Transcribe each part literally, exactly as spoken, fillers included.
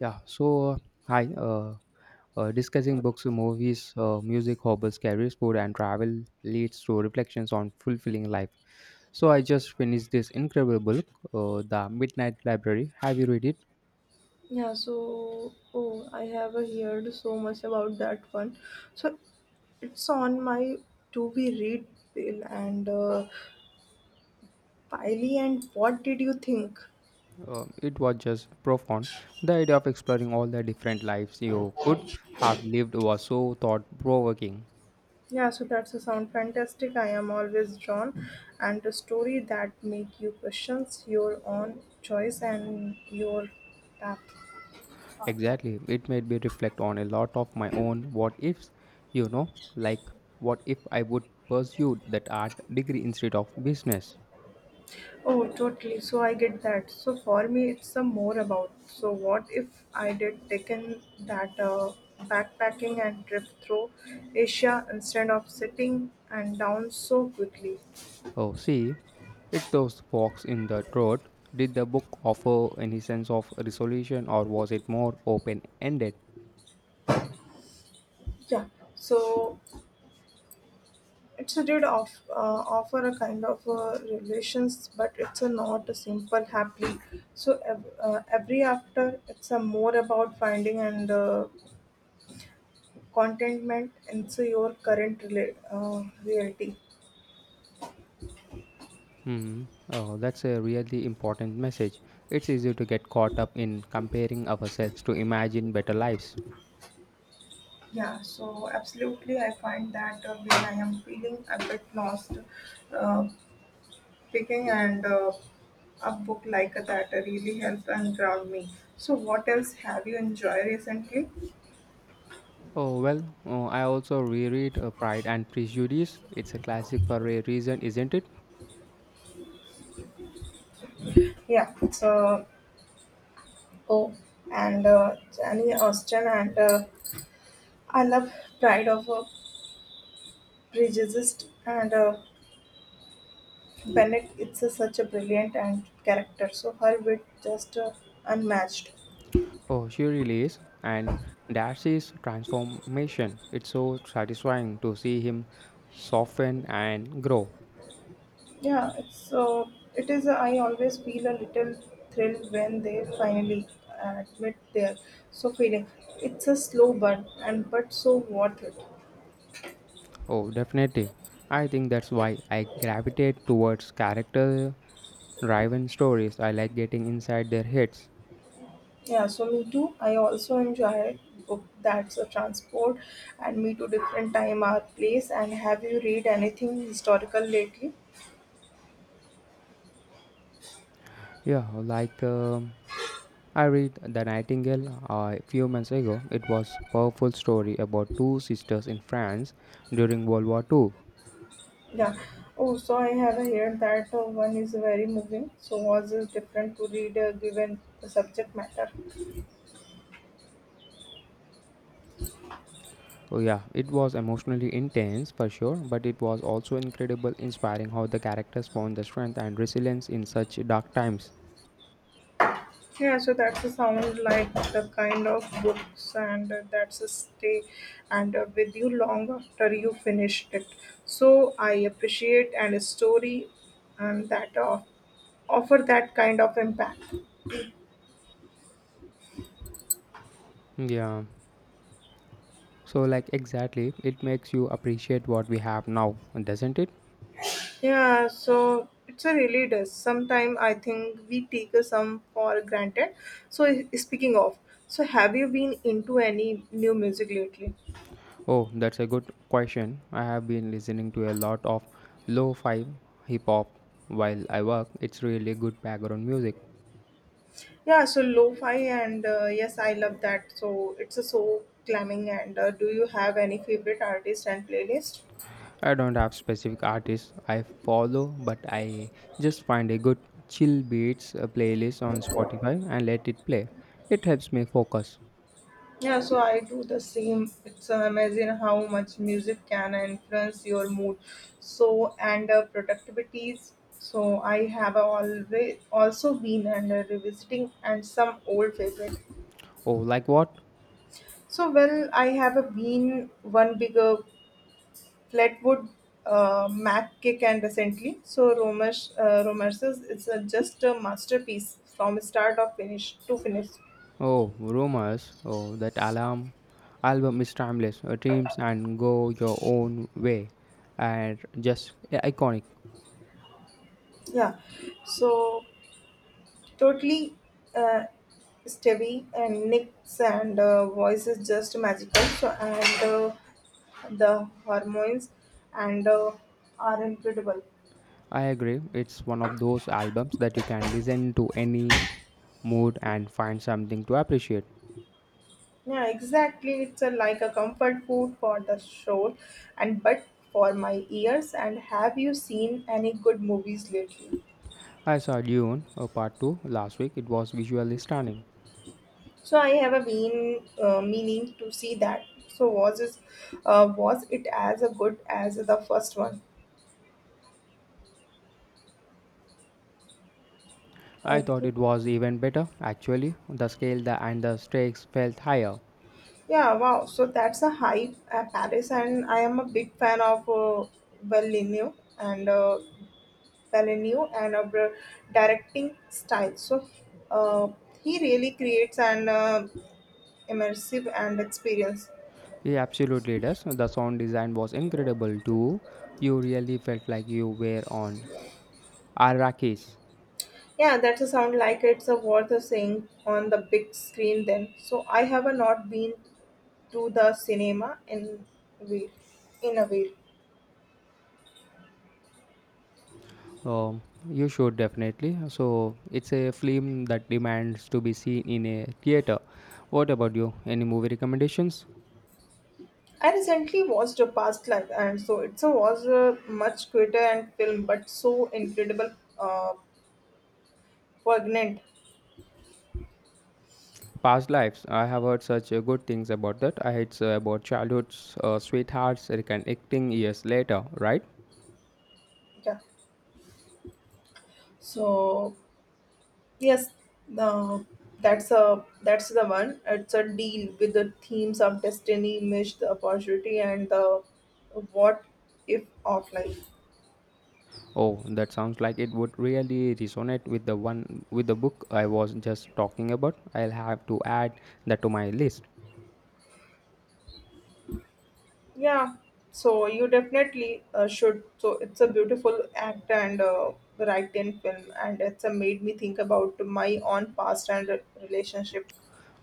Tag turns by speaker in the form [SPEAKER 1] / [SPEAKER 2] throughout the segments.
[SPEAKER 1] Yeah, so hi, uh, uh, discussing books, movies, uh, music, hobbies, careers, food, and travel leads to reflections on fulfilling life. So I just finished this incredible book, uh, The Midnight Library. Have you read it?
[SPEAKER 2] Yeah, so oh, I have heard so much about that one. So it's on my to be read bill and uh, Piley. And what did you think?
[SPEAKER 1] Uh, it was just profound. The idea of exploring all the different lives you could have lived was so thought provoking.
[SPEAKER 2] Yeah, so that's a sound fantastic. I am always drawn, and a story that make you questions your own choice and your.
[SPEAKER 1] Exactly. It made me reflect on a lot of my own what ifs, you know, like what if I would pursue that art degree instead of business?
[SPEAKER 2] Oh, totally. So I get that. So for me, it's a more about. So what if I did taken that uh, backpacking and trip through Asia instead of sitting and down so quickly?
[SPEAKER 1] Oh, see, it's those forks in the road. Did the book offer any sense of resolution or was it more open ended?
[SPEAKER 2] Yeah. So it's a did off, uh, offer a kind of uh, relations, but it's a not a simple happily. So ev- uh, every after, it's a more about finding and uh, contentment into your current rela- uh, reality.
[SPEAKER 1] Hmm. Oh, that's a really important message. It's easy to get caught up in comparing ourselves to imagine better lives.
[SPEAKER 2] Yeah, so absolutely, I find that uh, when I am feeling a bit lost, uh, picking and uh, a book like that really helps and ground me. So, what else have you enjoyed recently?
[SPEAKER 1] Oh, well, uh, I also reread uh, Pride and Prejudice. It's a classic for a reason, isn't it?
[SPEAKER 2] Yeah, so oh, and uh, Jenny Austen and uh, I love Pride of a Prejudice and uh, Bennett. It's a, such a brilliant and character. So her wit just uh, unmatched.
[SPEAKER 1] Oh, she really is. And Darcy's transformation. It's so satisfying to see him soften and grow.
[SPEAKER 2] Yeah, it's uh, it is. uh, I always feel a little thrilled when they finally admit their so feeling. It's a slow burn, and but so worth it.
[SPEAKER 1] Oh, definitely. I think that's why I gravitate towards character driven stories. I like getting inside their heads.
[SPEAKER 2] Yeah, so me too. I also enjoy book that's a transport, and me to different time, our place. And have you read anything historical lately?
[SPEAKER 1] Yeah, like. um I read The Nightingale uh, a few months ago. It was powerful story about two sisters in France during World War two.
[SPEAKER 2] Yeah. Oh, so I have heard that uh, one is very moving. So was it different to read uh, given the subject matter?
[SPEAKER 1] Oh yeah, it was emotionally intense for sure, but it was also incredible inspiring how the characters found the strength and resilience in such dark times.
[SPEAKER 2] Yeah, so that's a sound like the kind of books and uh, that's a stay and uh, with you long after you finish it. So I appreciate and a story and that uh, offer that kind of impact.
[SPEAKER 1] Yeah. So like exactly, it makes you appreciate what we have now, doesn't it?
[SPEAKER 2] Yeah, so it's a really does. Sometimes I think we take uh, some for granted. So i- speaking of, so have you been into any new music lately?
[SPEAKER 1] Oh, that's a good question. I have been listening to a lot of lo-fi hip hop while I work. It's really good background music.
[SPEAKER 2] Yeah, so lo-fi and uh, yes, I love that. So it's a so calming. And uh, do you have any favorite artist and playlist?
[SPEAKER 1] I don't have specific artists I follow, but I just find a good chill beats uh, playlist on Spotify and let it play. It helps me focus.
[SPEAKER 2] Yeah, so I do the same. It's amazing how much music can influence your mood, so and uh, productivities. So I have always also been and uh, revisiting and some old favorite.
[SPEAKER 1] Oh, like what?
[SPEAKER 2] So well, I have been one bigger Flatwood, uh, Mac kick and recently, so Romance, uh, Romances is a, just a masterpiece from start of finish to finish.
[SPEAKER 1] Oh, rumors. Oh, that alarm album is timeless. Uh, Dreams and go your own way, and just yeah, iconic.
[SPEAKER 2] Yeah, so totally uh, Stevie and Nick's and uh, voice is just magical. So and uh, the hormones and uh, are incredible.
[SPEAKER 1] I agree. It's one of those albums that you can listen to any mood and find something to appreciate.
[SPEAKER 2] Yeah, exactly. It's a, like a comfort food for the soul, and but for my ears. And have you seen any good movies lately?
[SPEAKER 1] I saw Dune uh, Part Two last week. It was visually stunning.
[SPEAKER 2] So I have a been uh, meaning to see that. So was it uh, was it as a good as the first one? I
[SPEAKER 1] I thought
[SPEAKER 2] think.
[SPEAKER 1] it was even better, actually. The scale the, and the stakes felt higher.
[SPEAKER 2] Yeah, wow. So that's a hype at Paris, and I am a big fan of uh, Villeneuve and uh, Villeneuve and of directing style. So uh, he really creates an. uh, immersive and experience.
[SPEAKER 1] It absolutely does. The sound design was incredible too. You really felt like you were on Arrakis.
[SPEAKER 2] Yeah, that's a sound like it's a worth of seeing on the big screen then. So I have a not been to the cinema in week in a week.
[SPEAKER 1] Um, you should definitely. So, it's a film that demands to be seen in a theater. What about you? Any movie recommendations?
[SPEAKER 2] I recently watched a past life and so it's a was a much quicker and film but so incredible uh poignant.
[SPEAKER 1] Past Lives. I have heard such uh, good things about that. I heard uh, about childhood's uh, sweethearts reconnecting years later, right?
[SPEAKER 2] Yeah. So yes, no, that's a that's the one. It's a deal with the themes of destiny, missed opportunity, and the what if offline.
[SPEAKER 1] Oh, that sounds like it would really resonate with the one with the book I was just talking about. I'll have to add that to my list.
[SPEAKER 2] Yeah, so you definitely uh, should. So it's a beautiful act and uh, writing film, and it's a made me think about my own past and relationship.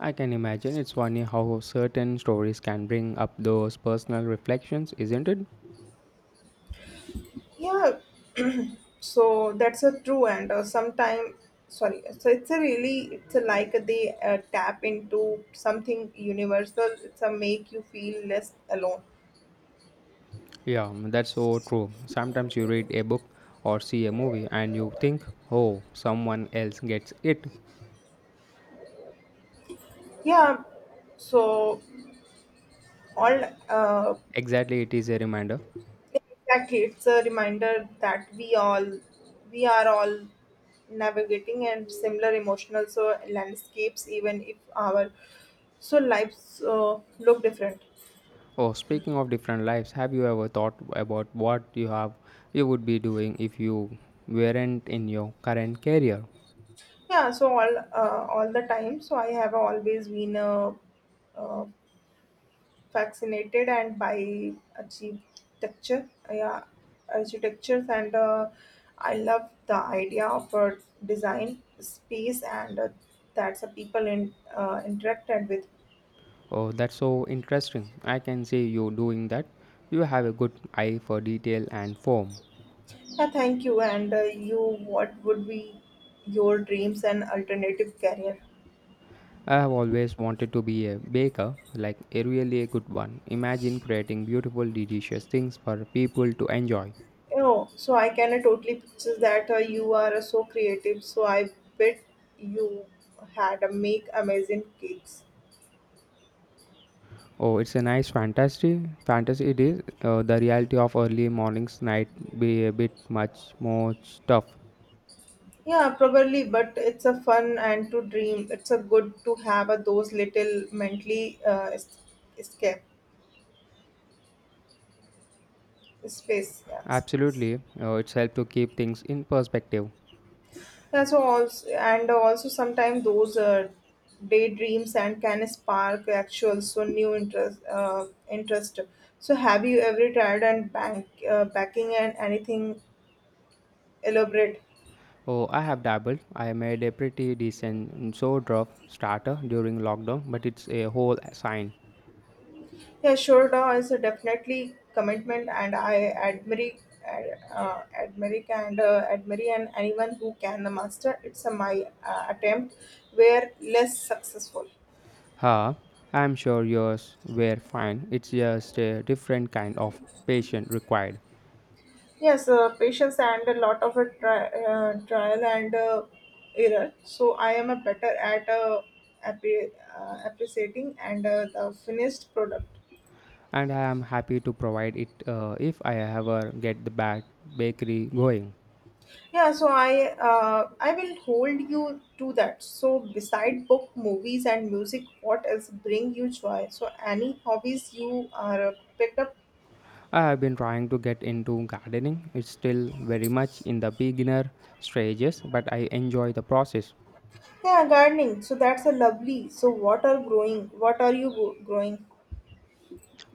[SPEAKER 1] I can imagine it's funny how certain stories can bring up those personal reflections, isn't it?
[SPEAKER 2] Yeah, so that's a true and uh, sometime sorry so it's a really it's a like they uh, tap into something universal it's a make you feel less alone.
[SPEAKER 1] Yeah, that's so true. Sometimes you read a book or see a movie and you think, "Oh, someone else gets it."
[SPEAKER 2] Yeah, so all uh,
[SPEAKER 1] Exactly, it is a reminder.
[SPEAKER 2] exactly it's a reminder that we all we are all navigating and similar emotional so landscapes even if our so lives uh, look different.
[SPEAKER 1] Oh, speaking of different lives, have you ever thought about what you have you would be doing if you weren't in your current career?
[SPEAKER 2] Yeah, so all uh, all the time. So I have always been uh, uh, fascinated and by architecture. Yeah, architectures and uh, I love the idea of a design space and uh, that's a people in uh, interacted with.
[SPEAKER 1] Oh, that's so interesting. I can see you doing that. You have a good eye for detail and form.
[SPEAKER 2] Yeah, thank you. And uh, you, what would be your dreams and alternative career?
[SPEAKER 1] I have always wanted to be a baker, like a really a good one. Imagine creating beautiful, delicious things for people to enjoy.
[SPEAKER 2] Oh, so I can uh, totally picture that uh, you are uh, so creative. So I bet you had a make amazing cakes.
[SPEAKER 1] Oh, it's a nice fantasy. Fantasy it is. Uh, the reality of early mornings night be a bit much more tough.
[SPEAKER 2] Yeah, probably, but it's a fun and to dream. It's a good to have a, those little mentally uh, es- escape space. Yeah, space.
[SPEAKER 1] Absolutely, uh, it's helped to keep things in perspective.
[SPEAKER 2] Yeah, so also and also sometimes those uh, daydreams and can spark actual so new interest uh, interest. So have you ever tried and bank uh, backing and anything elaborate.
[SPEAKER 1] Oh, I have dabbled. I made a pretty decent sour drop starter during lockdown, but it's a whole sign.
[SPEAKER 2] Yeah, sure, D A O is a definitely commitment and I admire uh, admire and uh, admire and anyone who can master it's a my uh, attempt were less successful.
[SPEAKER 1] Huh? I'm sure yours were fine. It's just a different kind of patient required,
[SPEAKER 2] Yes, uh, patience and a lot of a tri- uh, trial and uh, error so I am a better at uh, appre- uh, appreciating and uh, the finished product.
[SPEAKER 1] and I am happy to provide it uh, if I ever get the back bakery going.
[SPEAKER 2] Yeah, so I uh, I will hold you to that. So beside book, movies, and music, what else bring you joy? So any hobbies you are uh, picked up?
[SPEAKER 1] I have been trying to get into gardening. It's still very much in the beginner stages, but I enjoy the process.
[SPEAKER 2] Yeah, gardening. So that's a lovely. So what are growing? What are you go- growing?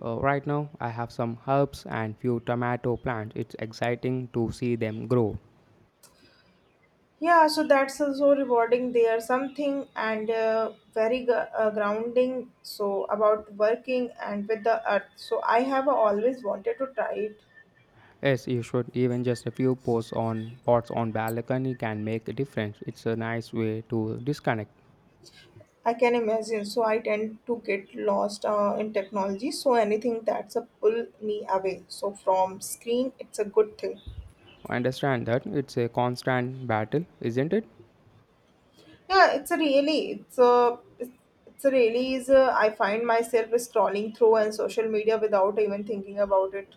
[SPEAKER 1] Uh, right now, I have some herbs and few tomato plants. It's exciting to see them grow.
[SPEAKER 2] Yeah, so that's uh, so rewarding. They are something and uh, very gr- uh, grounding. So about working and with the earth. So I have always wanted to try it.
[SPEAKER 1] Yes, you should even just a few posts on pots on balcony can make a difference. It's a nice way to disconnect.
[SPEAKER 2] I can imagine. So I tend to get lost uh, in technology. So anything that's a pull me away. So from screen, it's a good thing.
[SPEAKER 1] I understand that it's a constant battle, isn't it?
[SPEAKER 2] Yeah, it's a really, it's a, it's a really is. A, I find myself scrolling through and social media without even thinking about it.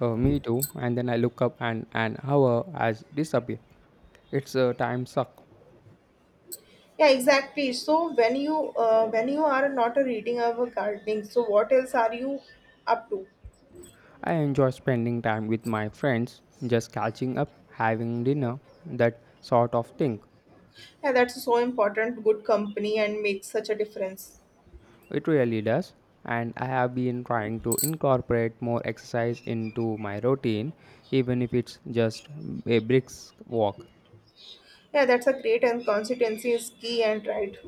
[SPEAKER 1] Uh, me too. And then I look up and an hour has disappeared. It's a time suck.
[SPEAKER 2] Yeah, exactly. So when you uh, when you are not a reading or a gardening, so what else are you up to?
[SPEAKER 1] I enjoy spending time with my friends, just catching up, having dinner, that sort of thing.
[SPEAKER 2] Yeah, that's so important. Good company and makes such a difference.
[SPEAKER 1] It really does. And I have been trying to incorporate more exercise into my routine, even if it's just a brisk walk.
[SPEAKER 2] Yeah, that's a great and consistency is key and right.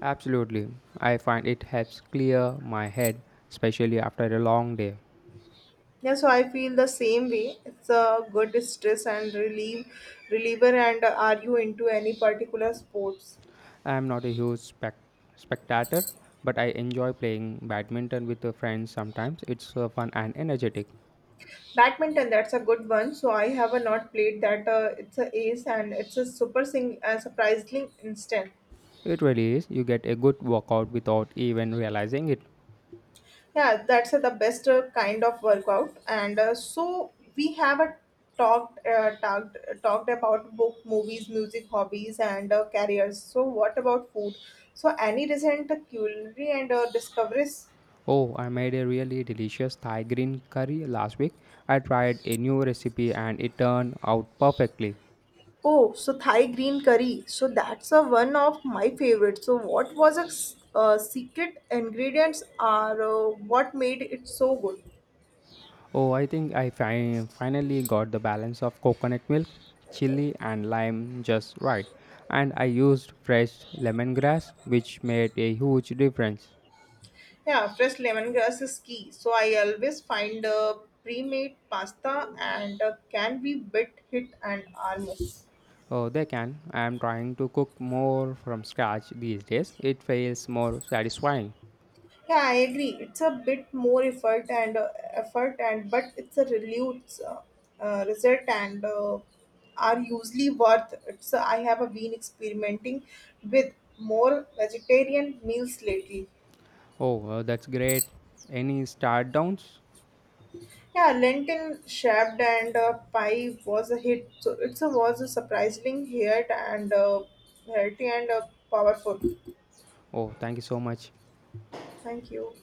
[SPEAKER 1] Absolutely. I find it helps clear my head, especially after a long day.
[SPEAKER 2] Yeah, so I feel the same way. It's a good stress and relief reliever. And uh, are you into any particular sports?
[SPEAKER 1] I am not a huge spec- spectator, but I enjoy playing badminton with the friends sometimes. It's uh, fun and energetic.
[SPEAKER 2] Badminton, that's a good one. So I have uh, not played that. Uh, it's a ace and it's a super sing uh, surprisingly instant.
[SPEAKER 1] It really is. You get a good workout without even realizing it.
[SPEAKER 2] Yeah, that's uh, the best uh, kind of workout. And uh, so we have a talked uh, talked talked about book, movies, music, hobbies, and uh, careers. So what about food? So any recent culinary and uh, discoveries?
[SPEAKER 1] Oh, I made a really delicious Thai green curry last week. I tried a new recipe and it turned out perfectly.
[SPEAKER 2] Oh, so Thai green curry. So that's a one of my favorites. So what was a s- uh, secret ingredients are uh, what made it so good?
[SPEAKER 1] Oh, I think I fi- finally got the balance of coconut milk, chili, and lime just right. And I used fresh lemongrass, which made a huge difference.
[SPEAKER 2] Yeah, fresh lemongrass is key. So I always find uh, pre-made pasta and uh, can be bit hit and almost.
[SPEAKER 1] Oh, they can. I am trying to cook more from scratch these days. It feels more satisfying.
[SPEAKER 2] Yeah, I agree. It's a bit more effort and uh, effort and but it's a relief uh, uh, result and uh, are usually worth it. So I have uh, been experimenting with more vegetarian meals lately.
[SPEAKER 1] Oh, uh, that's great. Any start downs?
[SPEAKER 2] Yeah, lentil shaved and uh, pie was a hit. So it's a, was a surprisingly hit and uh, healthy and uh, powerful.
[SPEAKER 1] Oh, thank you so much.
[SPEAKER 2] Thank you.